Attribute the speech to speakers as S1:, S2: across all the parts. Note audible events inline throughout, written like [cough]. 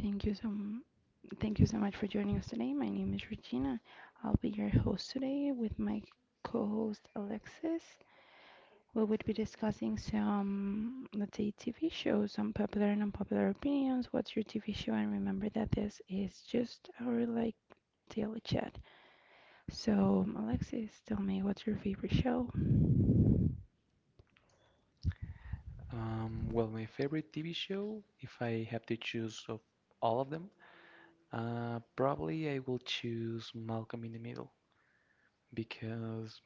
S1: Thank you so thank you so much for joining us today. My name is Regina. I'll be your host today with my co-host Alexis. We would be discussing some, let's say, TV shows, some popular and unpopular opinions. What's your TV show? And remember that this is just our daily chat. So, Alexis, tell me, what's your favorite show?
S2: Well, my favorite TV show, if I have to choose of all of them, probably I will choose Malcolm in the Middle because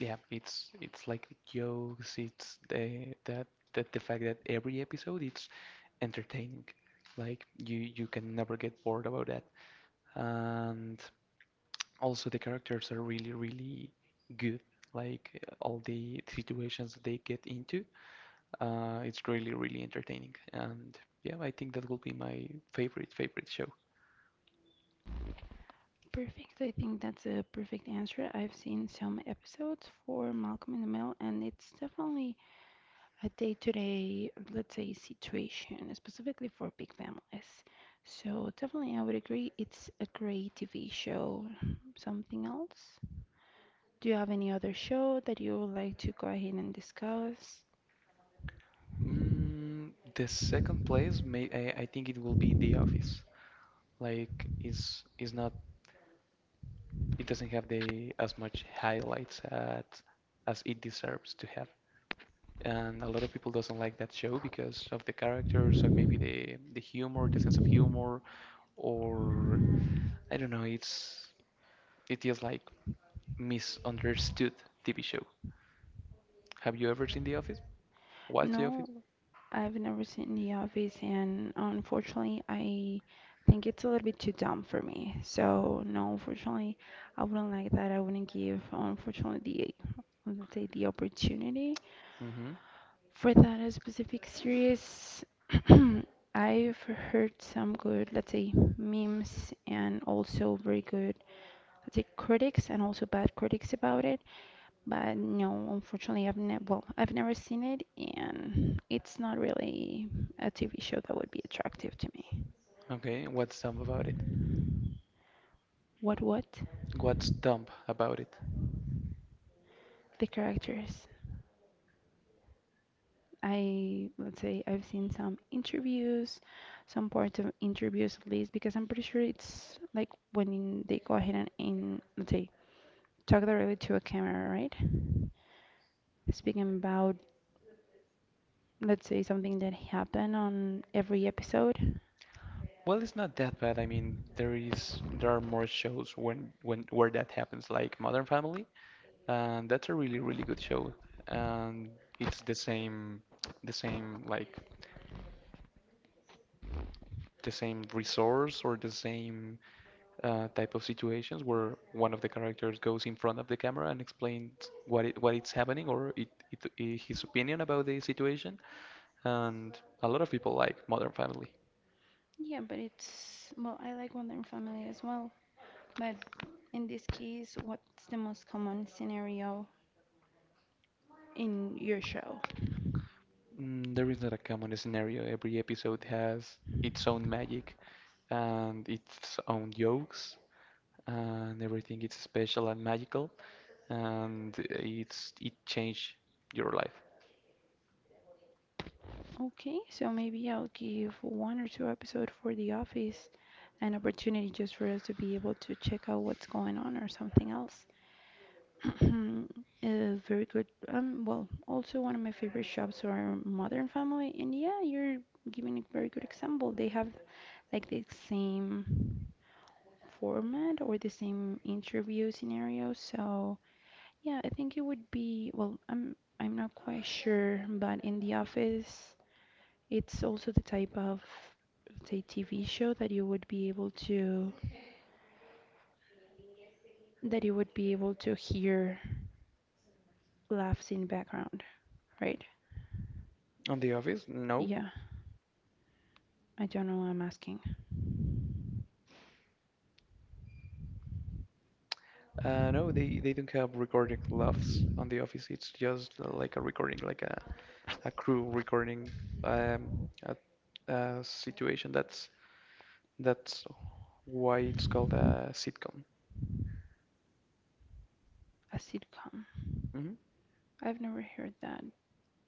S2: yeah, it's like jokes, it's the fact that every episode it's entertaining. Like you can never get bored about that. And also the characters are really really good. Like all the situations that they get into. It's really, really entertaining. And yeah, I think that will be my favorite, favorite show.
S1: Perfect. I think that's a perfect answer. I've seen some episodes for Malcolm in the Middle, and it's definitely a day-to-day, let's say, situation, specifically for big families. So definitely, I would agree it's a great TV show. Something else? Do you have any other show that you would like to go ahead and discuss?
S2: Mm, the second place, I think it will be The Office. Like, is not, it doesn't have the as much highlights at, as it deserves to have. And a lot of people doesn't like that show because of the characters or maybe the humor, the sense of humor, or I don't know, it's it is like misunderstood TV show. Have you ever seen The Office? What's the office?
S1: No, I've never seen The Office, and unfortunately, I think it's a little bit too dumb for me. So no, unfortunately, I wouldn't like that. I wouldn't give, unfortunately, the let's say the opportunity.
S2: hmm
S1: For that specific series, [clears throat] I've heard some good, let's say, memes and also very good, let's say, critics and also bad critics about it. But no, unfortunately, I've never, well, I've never seen it, and it's not really a TV show that would be attractive to me.
S2: Okay, what's dumb about it?
S1: What?
S2: What's dumb about it?
S1: The characters. I let's say I've seen some interviews, some parts of interviews at least, because I'm pretty sure it's like when they go ahead and let's say talk directly to a camera, right? Speaking about let's say something that happened on every episode.
S2: Well, it's not that bad. I mean, there are more shows when where that happens, like Modern Family, and that's a really really good show, and it's the same like the same resource or the same type of situations where one of the characters goes in front of the camera and explains what it's happening or I his opinion about the situation, and a lot of people like Modern Family.
S1: Yeah, but it's well, I like Modern Family as well. But in this case, what's the most common scenario in your show?
S2: Mm, there is not a common scenario. Every episode has its own magic and its own jokes, and everything is special and magical, and it changed your life.
S1: Okay, so maybe I'll give one or two episodes for the office an opportunity just for us to be able to check out what's going on or something else. [clears throat] Very good. Well, also one of my favorite shops are Modern Family, and yeah, you're giving a very good example. They have like the same format or the same interview scenario, so yeah, I think it would be, well, I'm not quite sure, but in the office it's also the type of let's say TV show that you would be able to hear laughs in background, right?
S2: On The Office, no.
S1: Yeah, I don't know. I'm asking
S2: No, they don't have recorded laughs on The Office. It's just like a recording, like a crew recording um, a, a situation. That's why it's called a sitcom.
S1: a sitcom.
S2: hmm
S1: I've never heard that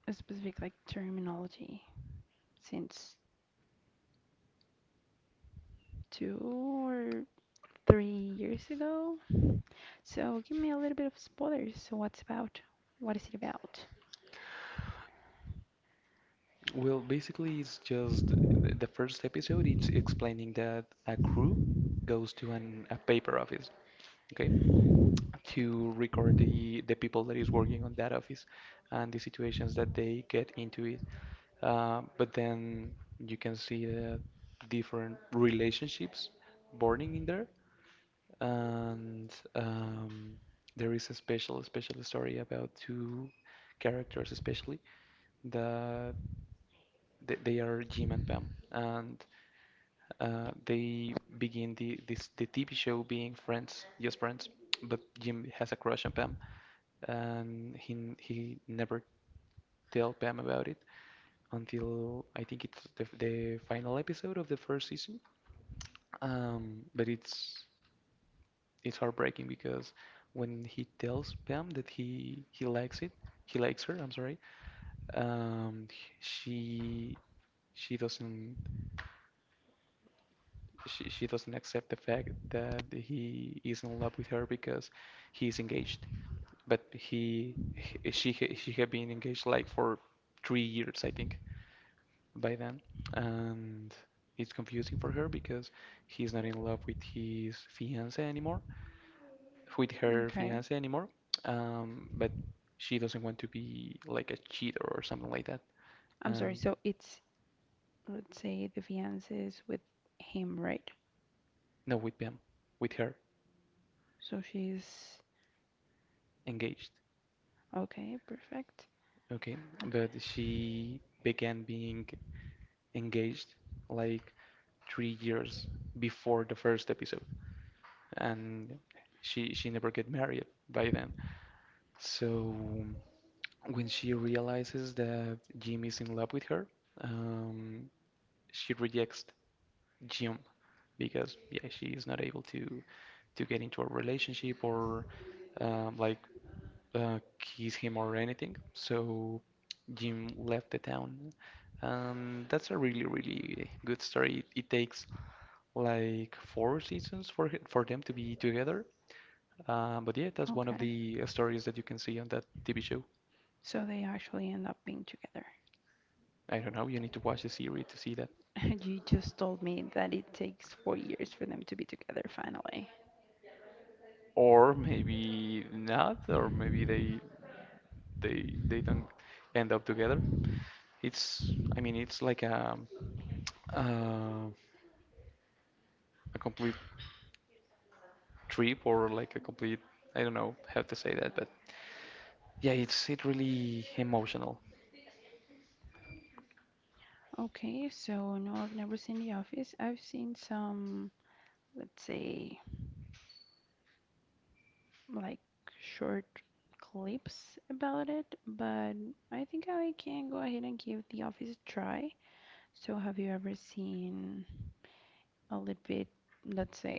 S1: a specific like terminology since 2 or 3 years ago. So give me a little bit of spoilers. So what's about? What is it about?
S2: Well, basically, it's just the first episode. It's explaining that a crew goes to an a paper office, okay, to record the people that is working on that office and the situations that they get into it. But then you can see the different relationships burning in there, and there is a special special story about two characters, especially the they are Jim and Pam, and they begin the TV show being friends, just friends. But Jim has a crush on Pam, and he never tell Pam about it until I think it's the final episode of the first season. But it's heartbreaking because when he tells Pam that he likes it, he likes her. I'm sorry. Um, she she doesn't she doesn't accept the fact that he is in love with her because he's engaged. But he she had been engaged like for 3 years, I think, by then, and it's confusing for her because he's not in love with his fiance anymore, with her
S1: Okay.
S2: fiance anymore. But she doesn't want to be like a cheater or something like that.
S1: I'm sorry.
S2: And
S1: So it's let's say the fiance is with him, right?
S2: no, with them, with her
S1: So she's
S2: engaged.
S1: okay, perfect.
S2: Okay, but she began being engaged like 3 years before the first episode, and she never get married by then. So when she realizes that Jim is in love with her, um, she rejects Jim because yeah, she is not able to get into a relationship or like kiss him or anything. So Jim left the town. That's a really, really good story. It takes like four seasons for them to be together. But yeah, that's one
S1: Okay,
S2: of
S1: okay.
S2: the stories that you can see on that TV show.
S1: So they actually end up being together.
S2: I don't know, you need to watch the series to see that.
S1: [laughs] You just told me that it takes 4 years for them to be together finally.
S2: Or maybe not, or maybe they don't end up together. It's, I mean it's like uh, a complete trip or like a complete, I don't know how to say that, but yeah, it's it really emotional.
S1: Okay, so no, I've never seen The Office. I've seen some, let's say, like short clips about it, but I think I can go ahead and give The Office a try. So, have you ever seen a little bit, let's say,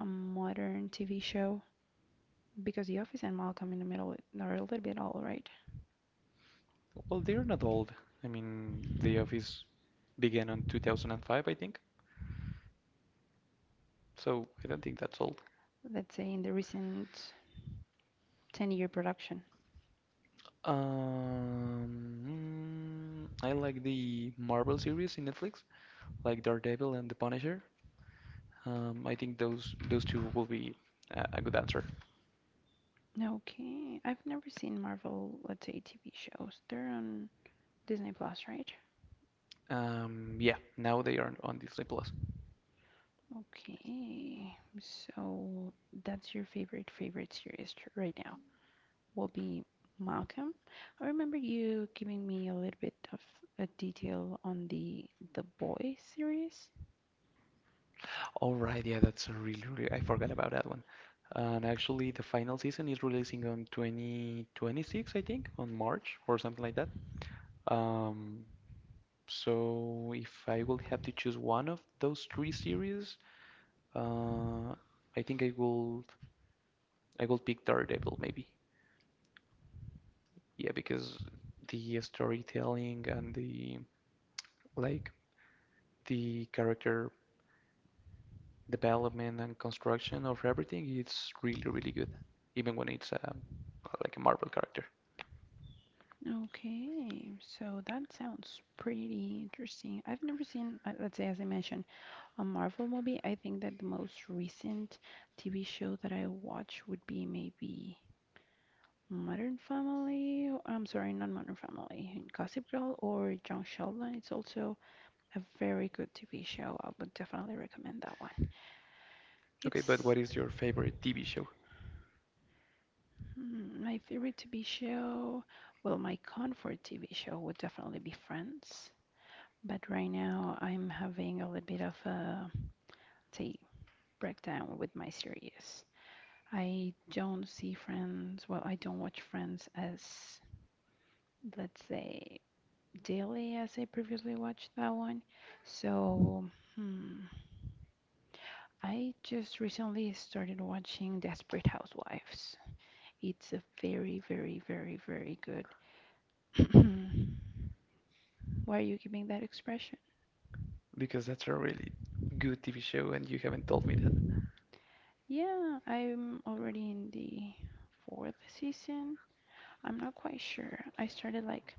S1: a modern TV show? Because The Office and Malcolm in the Middle are a little bit old, right?
S2: Well, they're not old. I mean, The Office began on 2005, I think. So I don't think that's old.
S1: Let's say in the recent 10-year production.
S2: Um, I like the Marvel series in Netflix, like Daredevil and The Punisher. I think those two will be a good answer.
S1: Okay, I've never seen Marvel, let's say, TV shows. They're on Disney Plus, right?
S2: Yeah, now they are on Disney Plus.
S1: Okay, so that's your favorite favorite series right now. Will be Malcolm. I remember you giving me a little bit of a detail on The Boy series.
S2: All right, yeah, that's a really, really, I forgot about that one. And actually, the final season is releasing on 2026, I think, on March or something like that. Um, so if I will have to choose one of those three series, Uh, I think I will pick Daredevil maybe. Yeah, because the storytelling and the, like, the character development and construction of everything it's really really good, even when it's like a Marvel character.
S1: Okay, so that sounds pretty interesting. I've never seen, let's say, as I mentioned, a Marvel movie. I think that the most recent TV show that I watch would be maybe Modern Family. I'm sorry, not Modern Family, Gossip Girl or Young Sheldon. It's also a very good TV show. I would definitely recommend that one.
S2: Okay, but
S1: It's
S2: what is your favorite TV show?
S1: my favorite TV show. Well, my comfort TV show would definitely be Friends. But right now, I'm having a little bit of a say breakdown with my series. I don't see Friends, well, I don't watch Friends as, let's say, daily as I previously watched that one. So, hmm, I just recently started watching Desperate Housewives. It's a very, very, very, very good. [laughs] [clears throat] Why are you giving that expression?
S2: Because that's a really good TV show and you haven't told me that.
S1: Yeah, I'm already in the 4th season. I'm not quite sure. I started like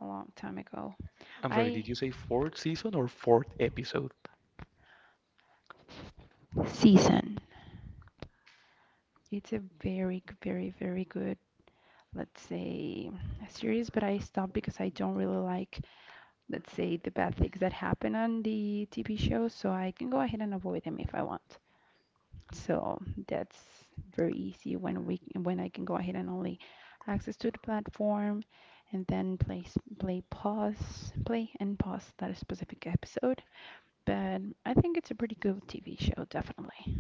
S1: a long time ago.
S2: I'm sorry,
S1: I
S2: did you say fourth season or fourth episode?
S1: season. It's a very, very, very good, let's say, series, but I stopped because I don't really like, let's say, the bad things that happen on the TV show, so I can go ahead and avoid them if I want. So that's very easy when we when I can go ahead and only access to the platform and then play pause play and pause that specific episode. But I think it's a pretty good TV show, definitely.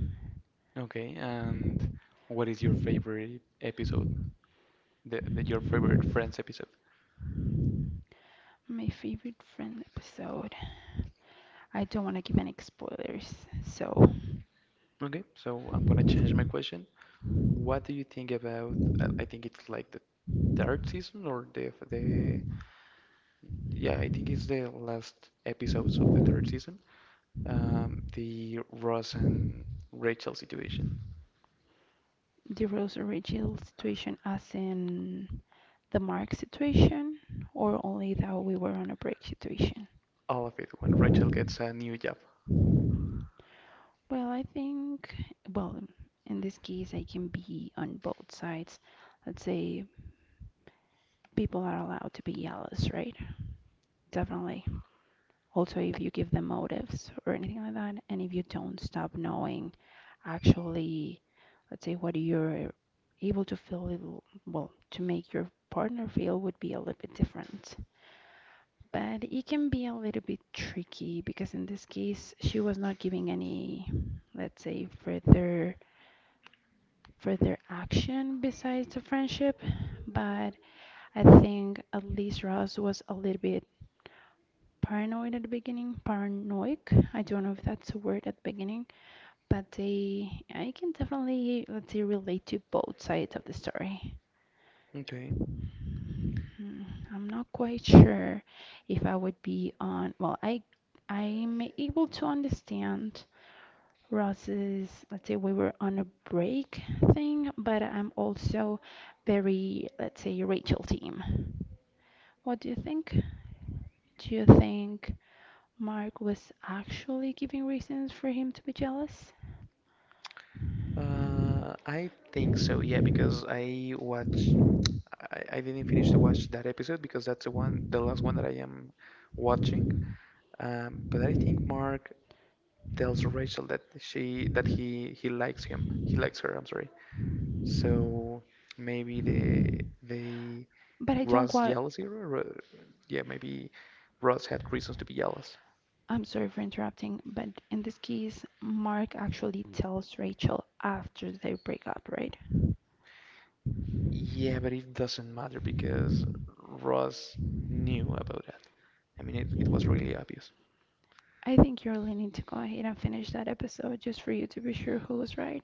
S2: Okay, and what is your favorite episode? The Your favorite Friends episode.
S1: My favorite friend episode. I don't want to give any spoilers. So
S2: Okay, so I'm gonna change my question. What do you think about? I think it's like the third season or the yeah, I think it's the last episodes of the third season. The Ross and Rachel situation,
S1: the Rose Rachel situation, as in the Mark situation, or only that we were on a break situation.
S2: all of it when Rachel gets a new job.
S1: Well, I think, well, in this case, I can be on both sides. Let's say people are allowed to be jealous, right? Definitely. Also, if you give them motives or anything like that, and if you don't stop knowing actually, let's say, what you're able to feel, will well, to make your partner feel would be a little bit different. But it can be a little bit tricky because in this case, she was not giving any, let's say, further action besides the friendship, but I think at least Ross was a little bit paranoid at the beginning. Paranoid, I don't know if that's a word at the beginning, but they, I can definitely, let's say, relate to both sides of the story.
S2: Okay.
S1: Hmm, I'm not quite sure if I would be on, well, I'm able to understand Ross's, let's say, we were on a break thing, but I'm also very, let's say, Rachel team. What do you think? Do you think Mark was actually giving reasons for him to be jealous?
S2: I think so, yeah, because I didn't finish to watch that episode because that's the last one that I am watching. But I think Mark tells Rachel that she that he likes him. He likes her, I'm sorry. So maybe the,
S1: But I don't
S2: Ross
S1: quite.
S2: jealousy? Or, yeah, maybe Ross had reasons to be jealous.
S1: I'm sorry for interrupting, but in this case, Mark actually tells Rachel after they break up, right?
S2: Yeah, but it doesn't matter because Ross knew about that. I mean, it was really obvious.
S1: I think you're leaning to go ahead and finish that episode just for you to be sure who was right,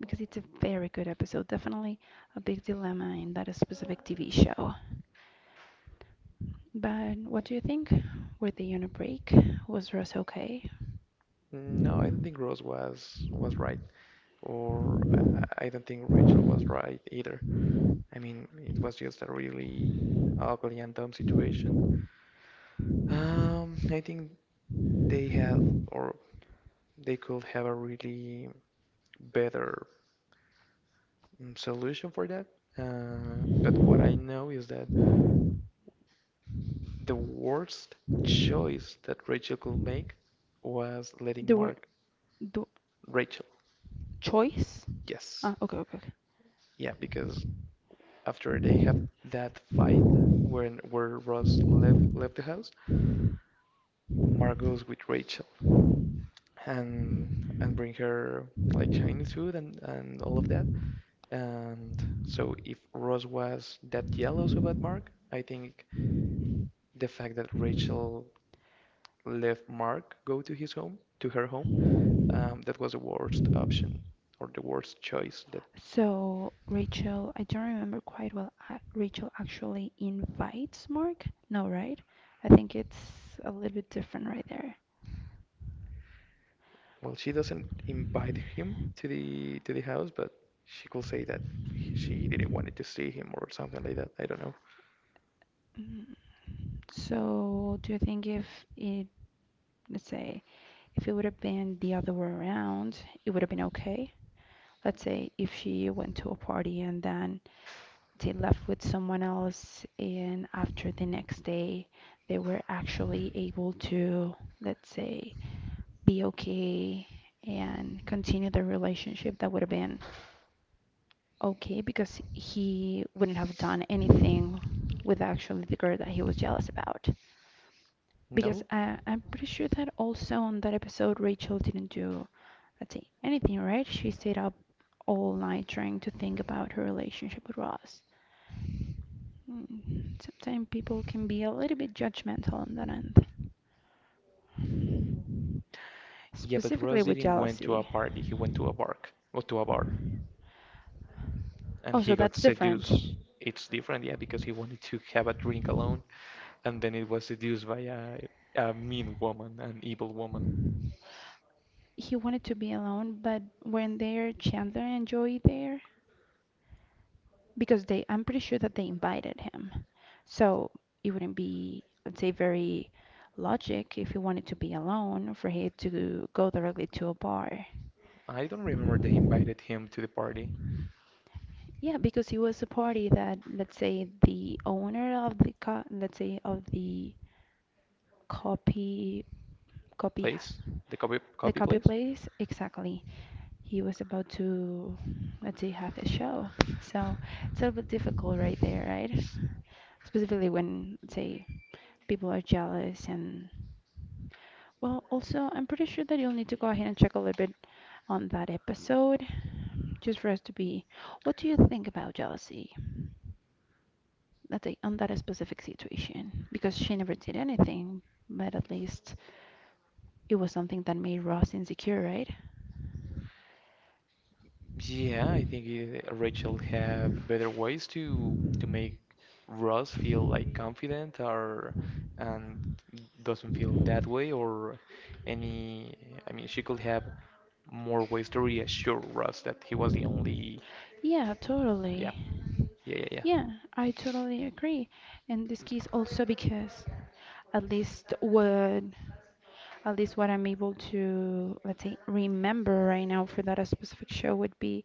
S1: because it's a very good episode, definitely a big dilemma in that specific TV show. But what do you think? Were they on a break? Was Ross okay?
S2: No, I don't think Ross was right, or I don't think Rachel was right either. I mean, it was just a really ugly and dumb situation. I think they have, or they could have a really better solution for that. But what I know is that the worst choice that Rachel could make was
S1: They
S2: letting
S1: were.
S2: Mark.
S1: Do,
S2: Rachel,
S1: choice?
S2: yes.
S1: Ah, okay, okay, okay.
S2: Yeah, because after they have that fight when where Ross left the house, Mark goes with Rachel, and bring her like Chinese food and all of that. And so if Ross was that jealous about Mark, I think the fact that Rachel let Mark go to his home, to her home, that was the worst option or the worst choice that,
S1: So Rachel, I don't remember quite well. Rachel actually invites Mark? No, right? I think it's a little bit different right there.
S2: well, she doesn't invite him to the house, but she could say that she didn't want to see him or something like that. I don't know.
S1: Mm. So do you think if it, let's say, if it would have been the other way around, it would have been okay? Let's say if she went to a party and then they left with someone else, and after the next day, they were actually able to, let's say, be okay and continue the relationship that would have been okay because he wouldn't have done anything with actually the girl that he was jealous about because
S2: No?
S1: I'm pretty sure that also on that episode rachel didn't do let's see anything right she stayed up all night trying to think about her relationship with ross. Mm, sometimes people can be a little bit judgmental on that end
S2: Yeah, but
S1: specifically
S2: Ross
S1: with
S2: didn't went to a
S1: jealousy.
S2: party. He went to a bar. Or to a bar. And
S1: Oh, so
S2: he got
S1: that's different.
S2: seduced. It's different, yeah, because he wanted to have a drink alone, and then it was seduced by a mean woman, an evil woman.
S1: He wanted to be alone, but weren't there Chandler and Joey there? Because they, I'm pretty sure that they invited him. So it wouldn't be, let's say, very logic if he wanted to be alone for him to go directly to a bar.
S2: I don't remember they invited him to the party
S1: Yeah, because it was a party that, let's say, the owner of the co let's say of the copy copy
S2: place, the copy
S1: the
S2: copy
S1: copy
S2: place.
S1: place, exactly. He was about to, let's say, have a show. So it's a little bit difficult right there, right? Specifically when, let's say, people are jealous and, well, also, I'm pretty sure that you'll need to go ahead and check a little bit on that episode just for us to be, what do you think about jealousy? Let's say, on that specific situation, because she never did anything, but at least it was something that made Ross insecure, right?
S2: Yeah, I think it, Rachel had better ways to make Ross feel like confident or and doesn't feel that way or any. I mean, she could have more ways to reassure Ross that he was the only,
S1: Yeah,
S2: yeah,
S1: totally.
S2: yeah, yeah, yeah.
S1: Yeah, I totally agree. In this case, also because at least what at least what I'm able to let's say remember right now for that specific show would be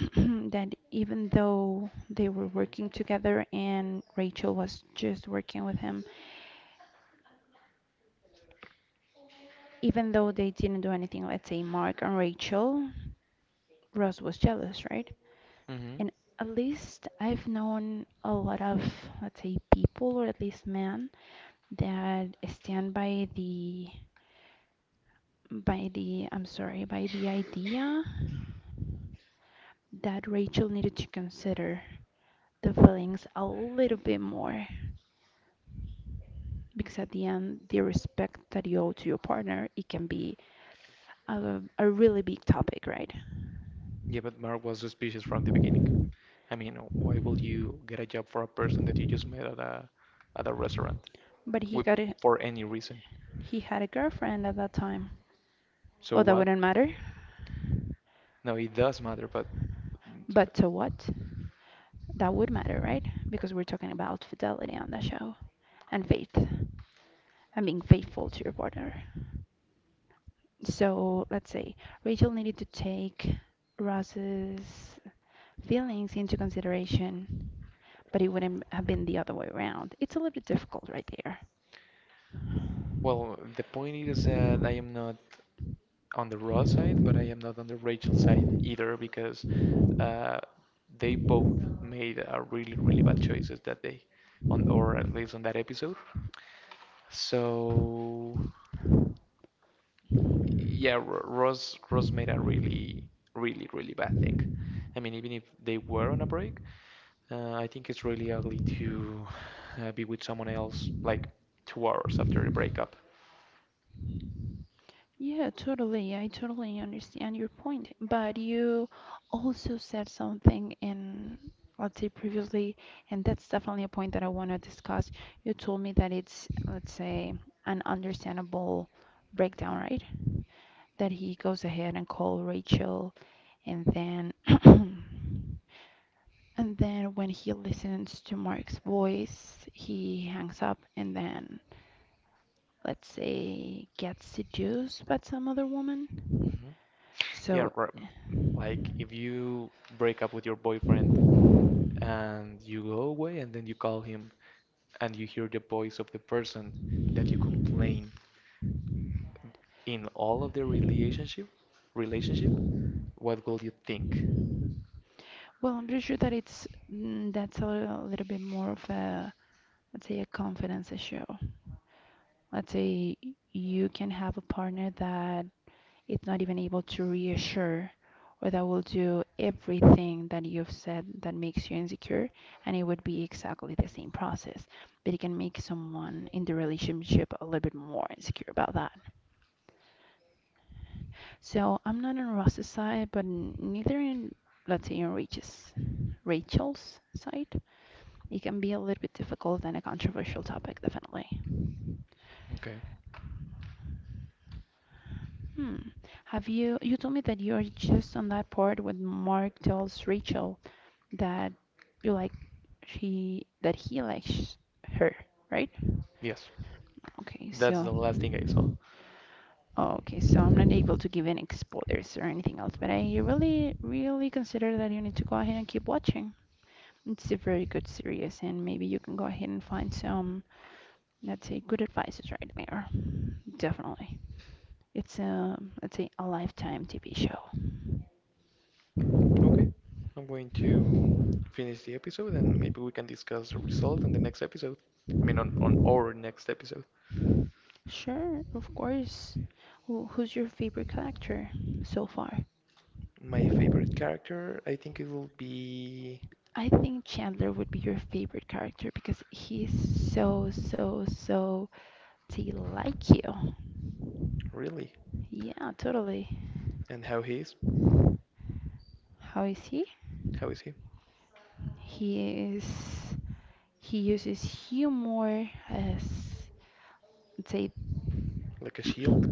S1: [clears throat] that even though they were working together and Rachel was just working with him, even though they didn't do anything, let's say Mark and Rachel, Ross was jealous, right?
S2: hmm
S1: And at least I've known a lot of, let's say, people or at least men that stand by the I'm sorry, by the idea that Rachel needed to consider the feelings a little bit more because at the end, the respect that you owe to your partner, it can be a really big topic, right?
S2: Yeah, but Mark was suspicious from the beginning. I mean, why would you get a job for a person that you just met at a restaurant
S1: But he
S2: with,
S1: got a,
S2: for any reason?
S1: he had a girlfriend at that time.
S2: So
S1: Oh, that
S2: what?
S1: wouldn't matter.
S2: No, it does matter, but,
S1: But to what? That would matter, right? Because we're talking about fidelity on the show and faith and being faithful to your partner. So let's say Rachel needed to take Ross's feelings into consideration, but it wouldn't have been the other way around. It's a little bit difficult right there.
S2: well, the point is that I am not on the raw side, but I am not on the Rachel side either because uh, they both made a really, really bad choices that day, on or at least on that episode. So. Yeah, Ross made a really, really, really bad thing. I mean, even if they were on a break, I think it's really ugly to be with someone else like 2 hours after the breakup.
S1: Yeah, totally. I totally understand your point. But you also said something in, let's say, previously, and that's definitely a point that I want to discuss. You told me that it's, let's say, an understandable breakdown, right? That he goes ahead and calls Rachel and then [clears throat] and then when he listens to Mark's voice, he hangs up and then, let's say, gets seduced by some other woman.
S2: Mhm. Yeah,
S1: So,
S2: r- like if you break up with your boyfriend and you go away and then you call him and you hear the voice of the person that you complain in all of the relationship, what will you think?
S1: well, I'm pretty sure that it's that's a little bit more of a, let's say, a confidence issue. Let's say you can have a partner that it's not even able to reassure or that will do everything that you've said that makes you insecure, and it would be exactly the same process, but it can make someone in the relationship a little bit more insecure about that. So I'm not on Ross's side, but neither in, let's say, in Rachel's side. It can be a little bit difficult and a controversial topic, definitely.
S2: Okay.
S1: Hmm. Have you told me that you're just on that part when Mark tells Rachel that you like she that he likes her, right?
S2: Yes.
S1: Okay,
S2: That's
S1: so
S2: the last thing I saw.
S1: oh, okay, so I'm not able to give any spoilers or anything else, but I really, really consider that you need to go ahead and keep watching. It's a very good series, and maybe you can go ahead and find some, let's say, good advices right there. Definitely. It's a, let's say, a lifetime TV show.
S2: Okay, I'm going to finish the episode and maybe we can discuss the result on the next episode. I mean, on our next episode.
S1: Sure, of course. Who, who's your favorite character so far?
S2: My favorite character, I think it will be
S1: I think Chandler would be your favorite character because he's so, so, so to like you.
S2: really.
S1: Yeah, totally.
S2: And how he is?
S1: How is he?
S2: How is he?
S1: He is. He uses humor as, let's say,
S2: Like a shield?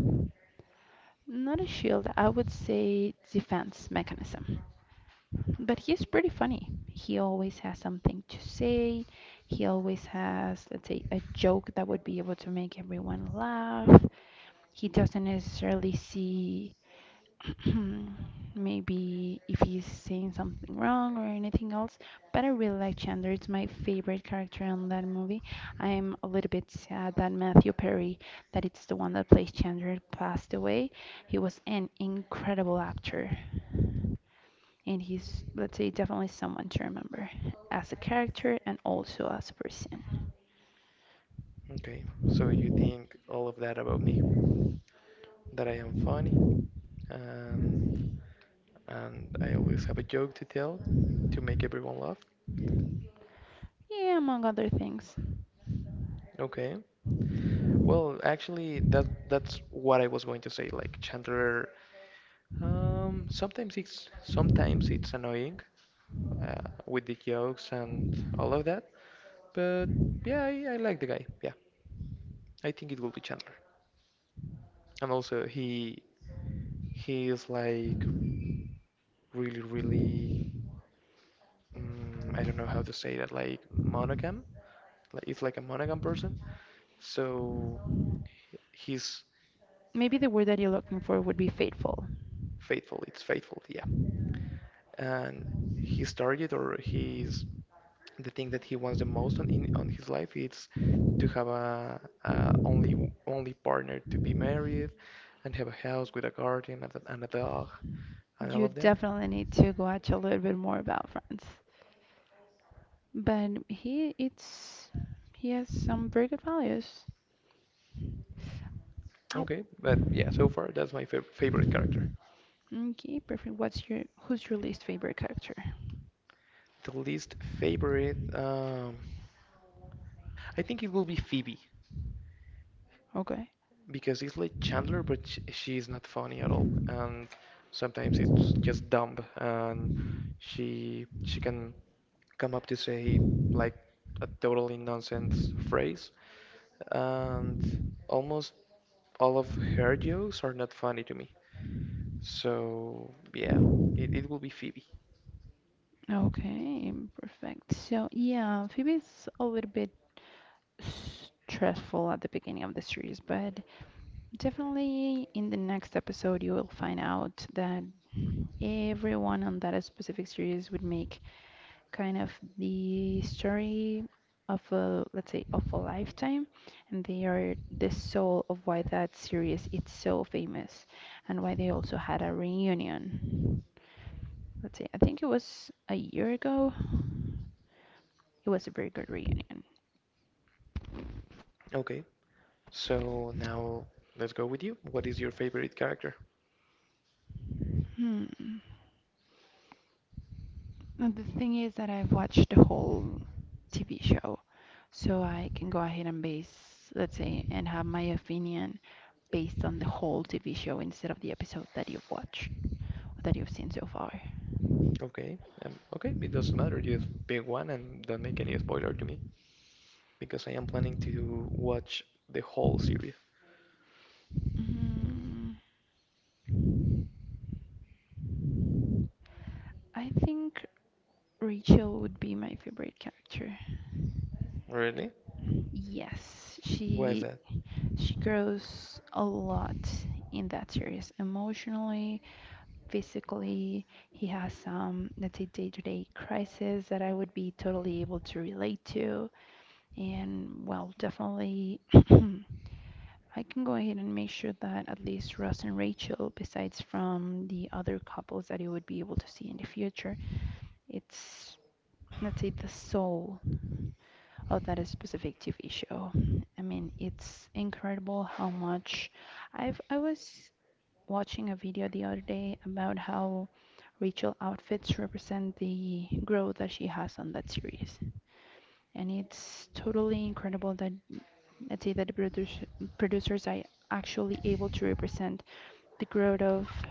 S1: not a shield, I would say defense mechanism. But he's pretty funny. He always has something to say. He always has, let's say, a joke that would be able to make everyone laugh. He doesn't necessarily see [clears throat] maybe if he's saying something wrong or anything else. But I really like Chandler. It's my favorite character in that movie. I'm a little bit sad that Matthew Perry, that it's the one that plays Chandler, passed away. He was an incredible actor. And he's, let's say, definitely someone to remember as a character and also as a person.
S2: Okay, so you think all of that about me? That I am funny and and I always have a joke to tell to make everyone laugh.
S1: Yeah, among other things.
S2: Okay. Well, actually, that's what I was going to say. Like Chandler. Sometimes it's annoying, uh, with the jokes and all of that, but yeah, I like the guy. Yeah, I think it will be Chandler. And also he is like really I don't know how to say that, like monogam. Like it's like a monogam person. So he's
S1: Maybe the word that you're looking for would be faithful.
S2: faithful. It's faithful. Yeah, and his target or his the thing that he wants the most on in on his life is to have a only partner, to be married and have a house with a garden and a dog and all
S1: You
S2: of that.
S1: definitely need to watch a little bit more about France. But he it's he has some very good values. Ow.
S2: Okay, but yeah, so far that's my favorite character.
S1: Okay, perfect. What's your who's your least favorite character?
S2: The least favorite, I think it will be Phoebe,
S1: Okay.
S2: because it's like Chandler, but sh she is not funny at all, and sometimes it's just dumb, and she can come up to say like a totally nonsense phrase, and almost all of her jokes are not funny to me. So yeah, it will be Phoebe.
S1: Okay, perfect. So yeah, Phoebe's a little bit stressful at the beginning of the series, but definitely in the next episode you will find out that everyone on that specific series would make kind of the story of a, let's say, of a lifetime, and they are the soul of why that series is so famous, and why they also had a reunion, let's say, I think it was a year ago. It was a very good reunion.
S2: Okay, so now let's go with you. What is your favorite character?
S1: Hmm. And the thing is that I've watched the whole TV show, so I can go ahead and base, let's say, and have my opinion based on the whole TV show instead of the episode that you've watched, that you've seen so far.
S2: Okay, okay, it doesn't matter. Just pick one and don't make any spoiler to me because I am planning to watch the whole series.
S1: Mm, I think Rachel would be my favorite character.
S2: Really?
S1: Yes,
S2: Why is
S1: she
S2: that?
S1: she grows a lot in that series, emotionally, physically. He has some, let's say, day-to-day crisis that I would be totally able to relate to. And well, definitely, I can go ahead and make sure that at least Ross and Rachel, besides from the other couples that you would be able to see in the future, it's, let's say, the soul oh, that is specific TV show. I mean, it's incredible how much I was watching a video the other day about how Rachel outfits represent the growth that she has on that series. And it's totally incredible that, let's say, that the producer, producers are actually able to represent the growth of,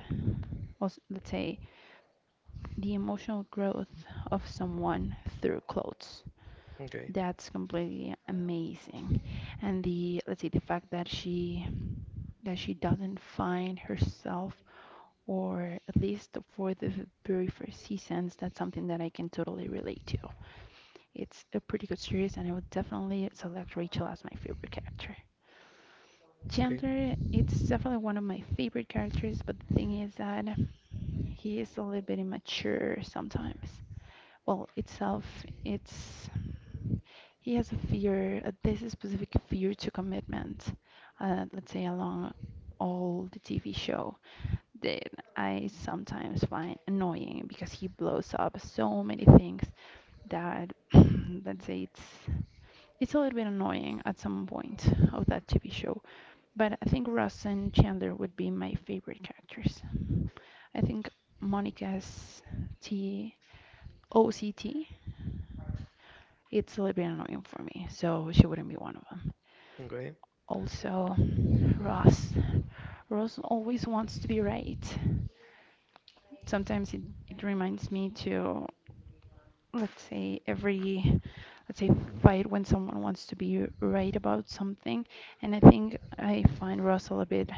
S1: or let's say, the emotional growth of someone through clothes.
S2: Okay,
S1: That's completely amazing. And the, let's say, the fact that she doesn't find herself, or at least for the very first seasons, that's something that I can totally relate to. It's a pretty good series, and I would definitely select Rachel as my favorite character.
S2: okay,
S1: Chandler, it's definitely one of my favorite characters, but the thing is that he is a little bit immature sometimes. Well, itself, it's he has a fear, a this specific fear to commitment, let's say along all the TV show that I sometimes find annoying because he blows up so many things that, let's say, it's a little bit annoying at some point of that TV show. But I think Ross and Chandler would be my favorite characters. I think Monica's TOCT, it's a little bit annoying for me, so she wouldn't be one of them.
S2: okay,
S1: Also, Ross Rose always wants to be right. Sometimes it reminds me to, let's say, every, let's say, fight when someone wants to be right about something. And I think I find Russell a bit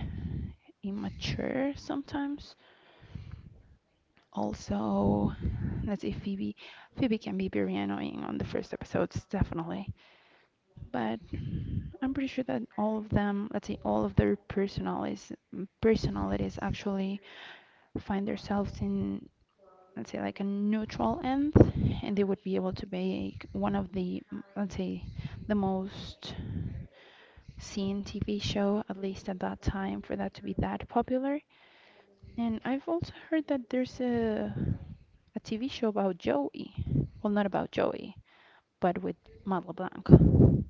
S1: immature sometimes. Also, let's say Phoebe. Phoebe can be very annoying on the first episodes, definitely. But I'm pretty sure that all of them, let's say, all of their personalities actually find themselves in, let's say, like a neutral end, and they would be able to make one of the let's say the most seen TV show, at least at that time, for that to be that popular. And I've also heard that there's a TV show about Joey. Well, not about Joey, but with Matt LeBlanc.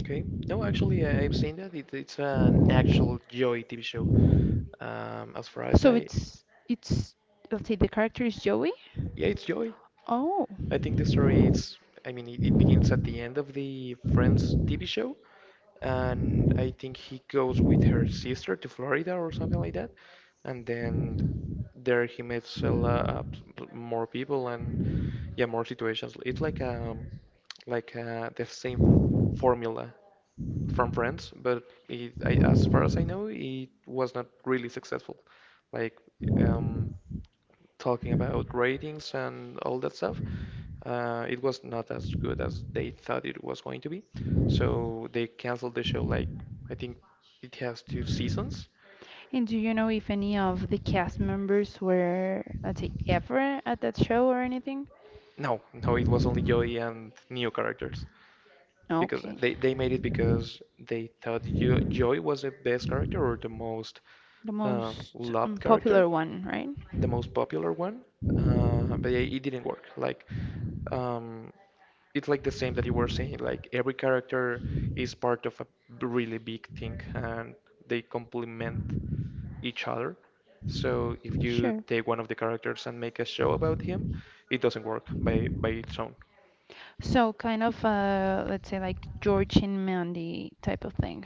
S2: okay. No, actually, I've seen that. It's an actual Joy TV show. As far as
S1: So
S2: I,
S1: it's let's say the character is Joey.
S2: yeah, it's Joy.
S1: Oh.
S2: I think the story is, I mean, it begins at the end of the Friends TV show, and I think he goes with her sister to Florida or something like that, and then there he meets a lot more people and yeah, more situations. It's like the same formula from Friends, but it, I, as far as I know, it was not really successful. Like um talking about ratings and all that stuff, it was not as good as they thought it was going to be. So they canceled the show. Like I think it has two seasons.
S1: And do you know if any of the cast members were, let's say, ever at that show or anything?
S2: No, no, it was only Joey and new characters, because
S1: Okay.
S2: they made it because they thought jo Joey was the best character, or the most
S1: The most
S2: loved character,
S1: unpopular one, right?
S2: the most popular one, but it didn't work. Like, um, it's like the same that you were saying. Like every character is part of a really big thing, and they complement each other. So if you
S1: Sure.
S2: take one of the characters and make a show about him, it doesn't work by its own.
S1: So kind of let's say like George and Mandy type of thing.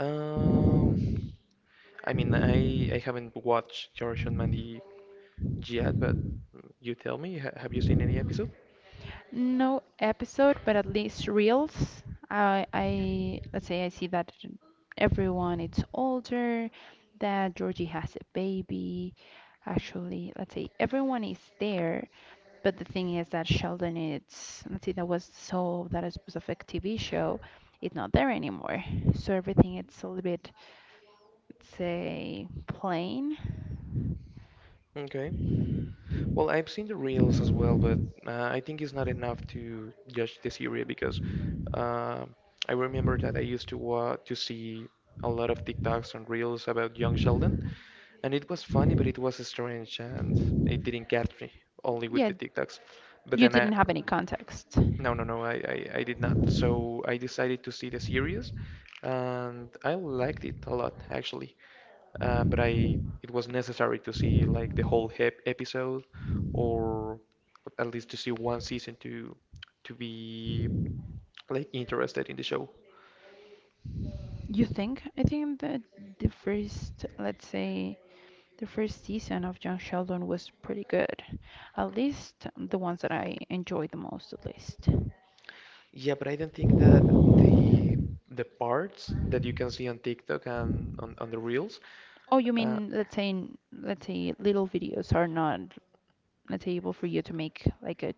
S2: Um, I mean, I haven't watched George and Mandy yet, but you tell me, ha have you seen any episode?
S1: No episode, but at least reels. I let's say I see that everyone it's older, that Georgie has a baby. Actually, let's say everyone is there, but the thing is that Sheldon it's, let's say, that was so that it was a fake TV show. It's not there anymore, so everything it's a little bit, let's say, plain.
S2: Okay. Well, I've seen the reels as well, but I think it's not enough to judge the series, because uh, I remember that I used to wa to see a lot of TikToks and reels about young Sheldon, and it was funny, but it was strange, and it didn't catch me only with
S1: Yeah,
S2: the TikToks. But
S1: you
S2: then I,
S1: didn't have any context.
S2: no, no, no, I did not. So I decided to see the series, and I liked it a lot actually. But I it was necessary to see like the whole hep episode, or at least to see one season to be like interested in the show.
S1: You think? I think that the first, let's say, the first season of Young Sheldon was pretty good. At least the ones that I enjoyed the most, at least.
S2: Yeah, but I don't think that the the parts that you can see on TikTok and on the reels.
S1: Oh, you
S2: Uh,
S1: mean, let's say, let's say little videos are not, let's say, able for you to make like a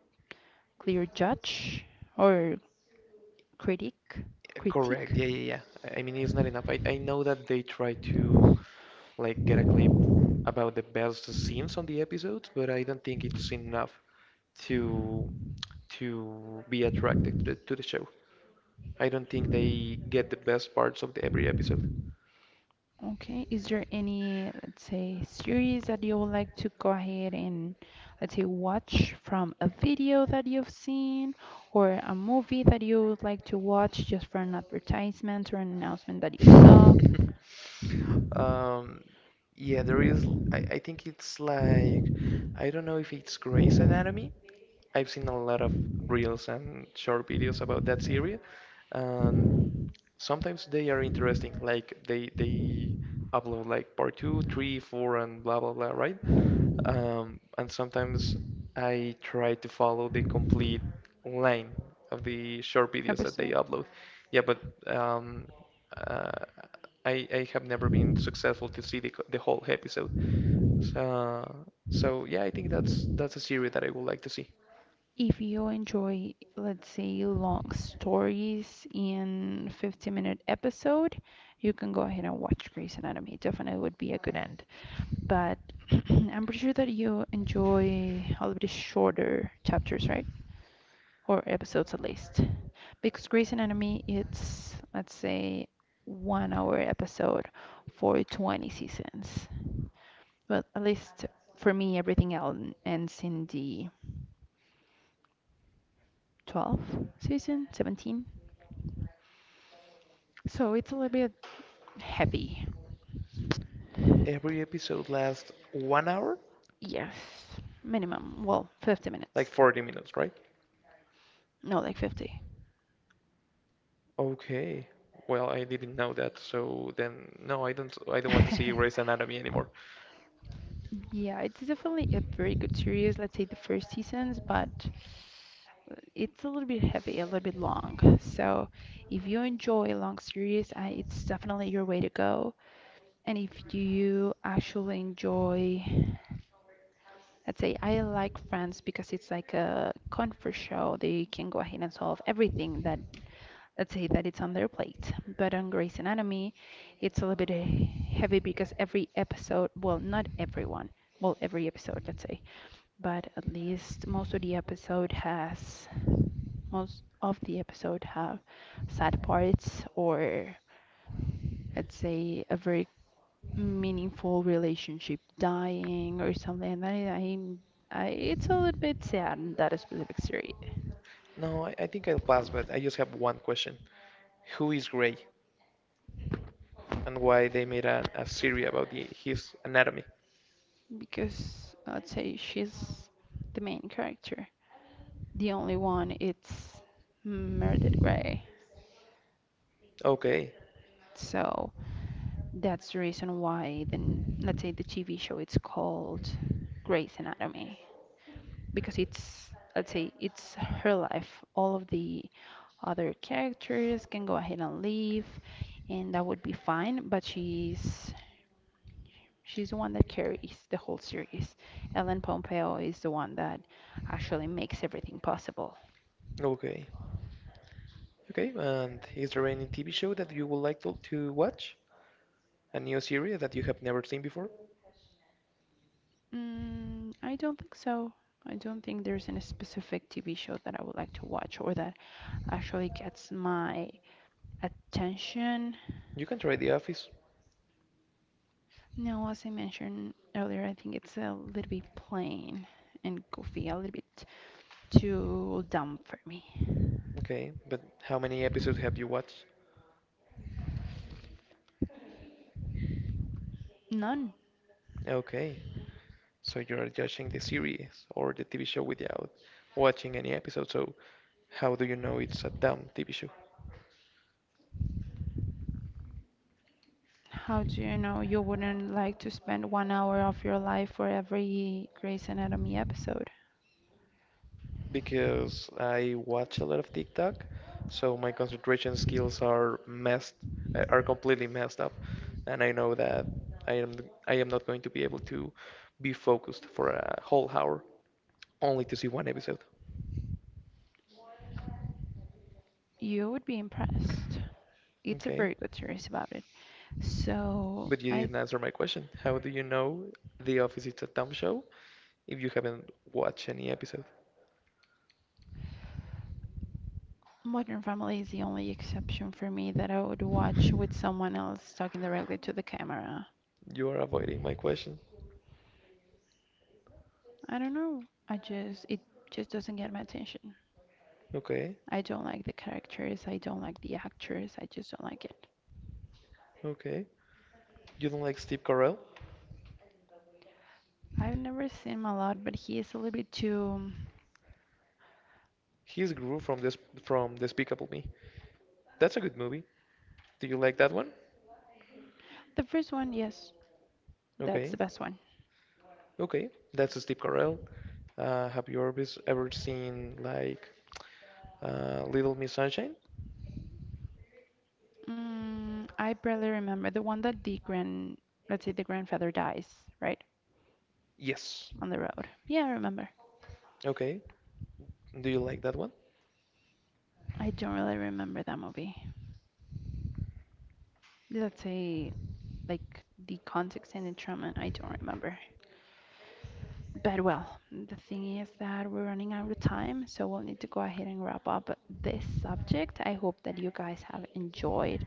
S1: clear judge or critic critique?
S2: Correct. Yeah, yeah, yeah. I mean, it's not enough. I know that they try to like get a clip about the best scenes on the episodes, but I don't think it's enough to to be attracted to the show. I don't think they get the best parts of the, every episode.
S1: Okay, is there any, let's say, series that you would like to go ahead and, let's say, watch from a video that you've seen, or a movie that you would like to watch just for an advertisement or an announcement that you saw?
S2: [laughs] Um, yeah, there is. I think it's like I don't know if it's Grey's Anatomy. I've seen a lot of reels and short videos about that series, and sometimes they are interesting. Like they upload like part two, three, four, and blah blah blah, right? And sometimes I try to follow the complete line of the short videos that they upload. Yeah, but um, uh, I have never been successful to see the the whole episode. So so yeah, I think that's a series that I would like to see.
S1: If you enjoy, let's say, long stories in 50-minute episode, you can go ahead and watch Grey's Anatomy. Definitely would be a good end. But [clears throat] I'm pretty sure that you enjoy a little bit shorter chapters, right? Or episodes at least. Because Grey's Anatomy, it's, let's say, 1 hour episode for 20 seasons. Well, at least for me, everything else ends in the 12th season, 17. So it's a little bit heavy.
S2: Every episode lasts 1 hour?
S1: Yes, minimum. Well, 50
S2: Like
S1: minutes.
S2: 40 minutes, right?
S1: No, like 50.
S2: Okay. Well, I didn't know that, so then no, I don't want to see Grey's Anatomy anymore.
S1: [laughs] Yeah, it's definitely a very good series. Let's say the first seasons, but it's a little bit heavy, a little bit long. So if you enjoy a long series, I, it's definitely your way to go. And if you actually enjoy, let's say, I like Friends because it's like a comfort show. They can go ahead and solve everything that, let's say, that it's on their plate. But on Grey's Anatomy, it's a little bit heavy because every episode, well, not everyone, well, every episode, let's say, but at least most of the episode have sad parts or, let's say, a very meaningful relationship dying or something, and I, it's a little bit sad in that specific series
S2: No, I think I'll pass, but I just have one question. Who is Grey, and why they made a series about the, his anatomy?
S1: because, let's say, she's the main character, the only one it's Meredith Grey,
S2: Okay,
S1: so that's the reason why then, let's say, the TV show it's called Grey's Anatomy because it's, let's say, it's her life. All of the other characters can go ahead and leave, and that would be fine. But she's the one that carries the whole series. Ellen Pompeo is the one that actually makes everything possible.
S2: okay. Okay, and is there any TV show that you would like to watch? A new series that you have never seen before?
S1: Mm, I don't think so. I don't think there's any specific TV show that I would like to watch or that actually gets my attention.
S2: You can try The Office.
S1: No, as I mentioned earlier, I think it's a little bit plain and goofy, a little bit too dumb for me.
S2: Okay, but how many episodes have you watched?
S1: None.
S2: Okay, so you're judging the series or the TV show without watching any episode. So how do you know it's a dumb TV show?
S1: How do you know you wouldn't like to spend 1 hour of your life for every Grey's Anatomy episode?
S2: Because I watch a lot of TikTok, so my concentration skills are messed, are completely messed up, and I know that I am I am not going to be able to be focused for a whole hour only to see one episode.
S1: You would be impressed. It's a
S2: Okay,
S1: very good series about it. So,
S2: but you
S1: I
S2: didn't answer my question. How do you know The Office is a dumb show if you haven't watched any episode?
S1: Modern Family is the only exception for me that I would watch with someone else talking directly to the camera.
S2: You are avoiding my question.
S1: I don't know. I just it just doesn't get my attention.
S2: Okay,
S1: I don't like the characters. I don't like the actors. I just don't like it.
S2: okay. You don't like Steve Carell?
S1: I've never seen him a lot, but he is a little bit too.
S2: He's Gru from this from Despicable Me. That's a good movie. Do you like that one?
S1: The first one, yes, that's
S2: Okay,
S1: the best one.
S2: okay. That's Steve Carell. Have you ever seen like Little Miss Sunshine?
S1: Mm, I barely remember the one that the grand, let's say, the grandfather dies, right?
S2: Yes.
S1: On the road. Yeah, I remember.
S2: Okay. Do you like that one?
S1: I don't really remember that movie. Let's say like the context and the trauma, I don't remember. But well, the thing is that we're running out of time, so we'll need to go ahead and wrap up this subject. I hope that you guys have enjoyed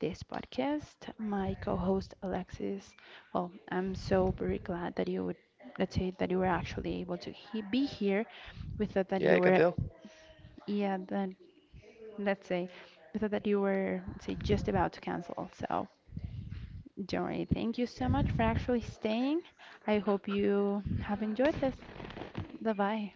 S1: this podcast. My co-host Alexis, well, I'm so very glad that you would, let's say, that you were actually able to he be here. We thought that
S2: Yeah,
S1: you
S2: I can
S1: were,
S2: tell.
S1: yeah, then, let's say, we thought that you were, let's say, just about to cancel. So, don't worry. Thank you so much for actually staying. I hope you have enjoyed this. Bye bye.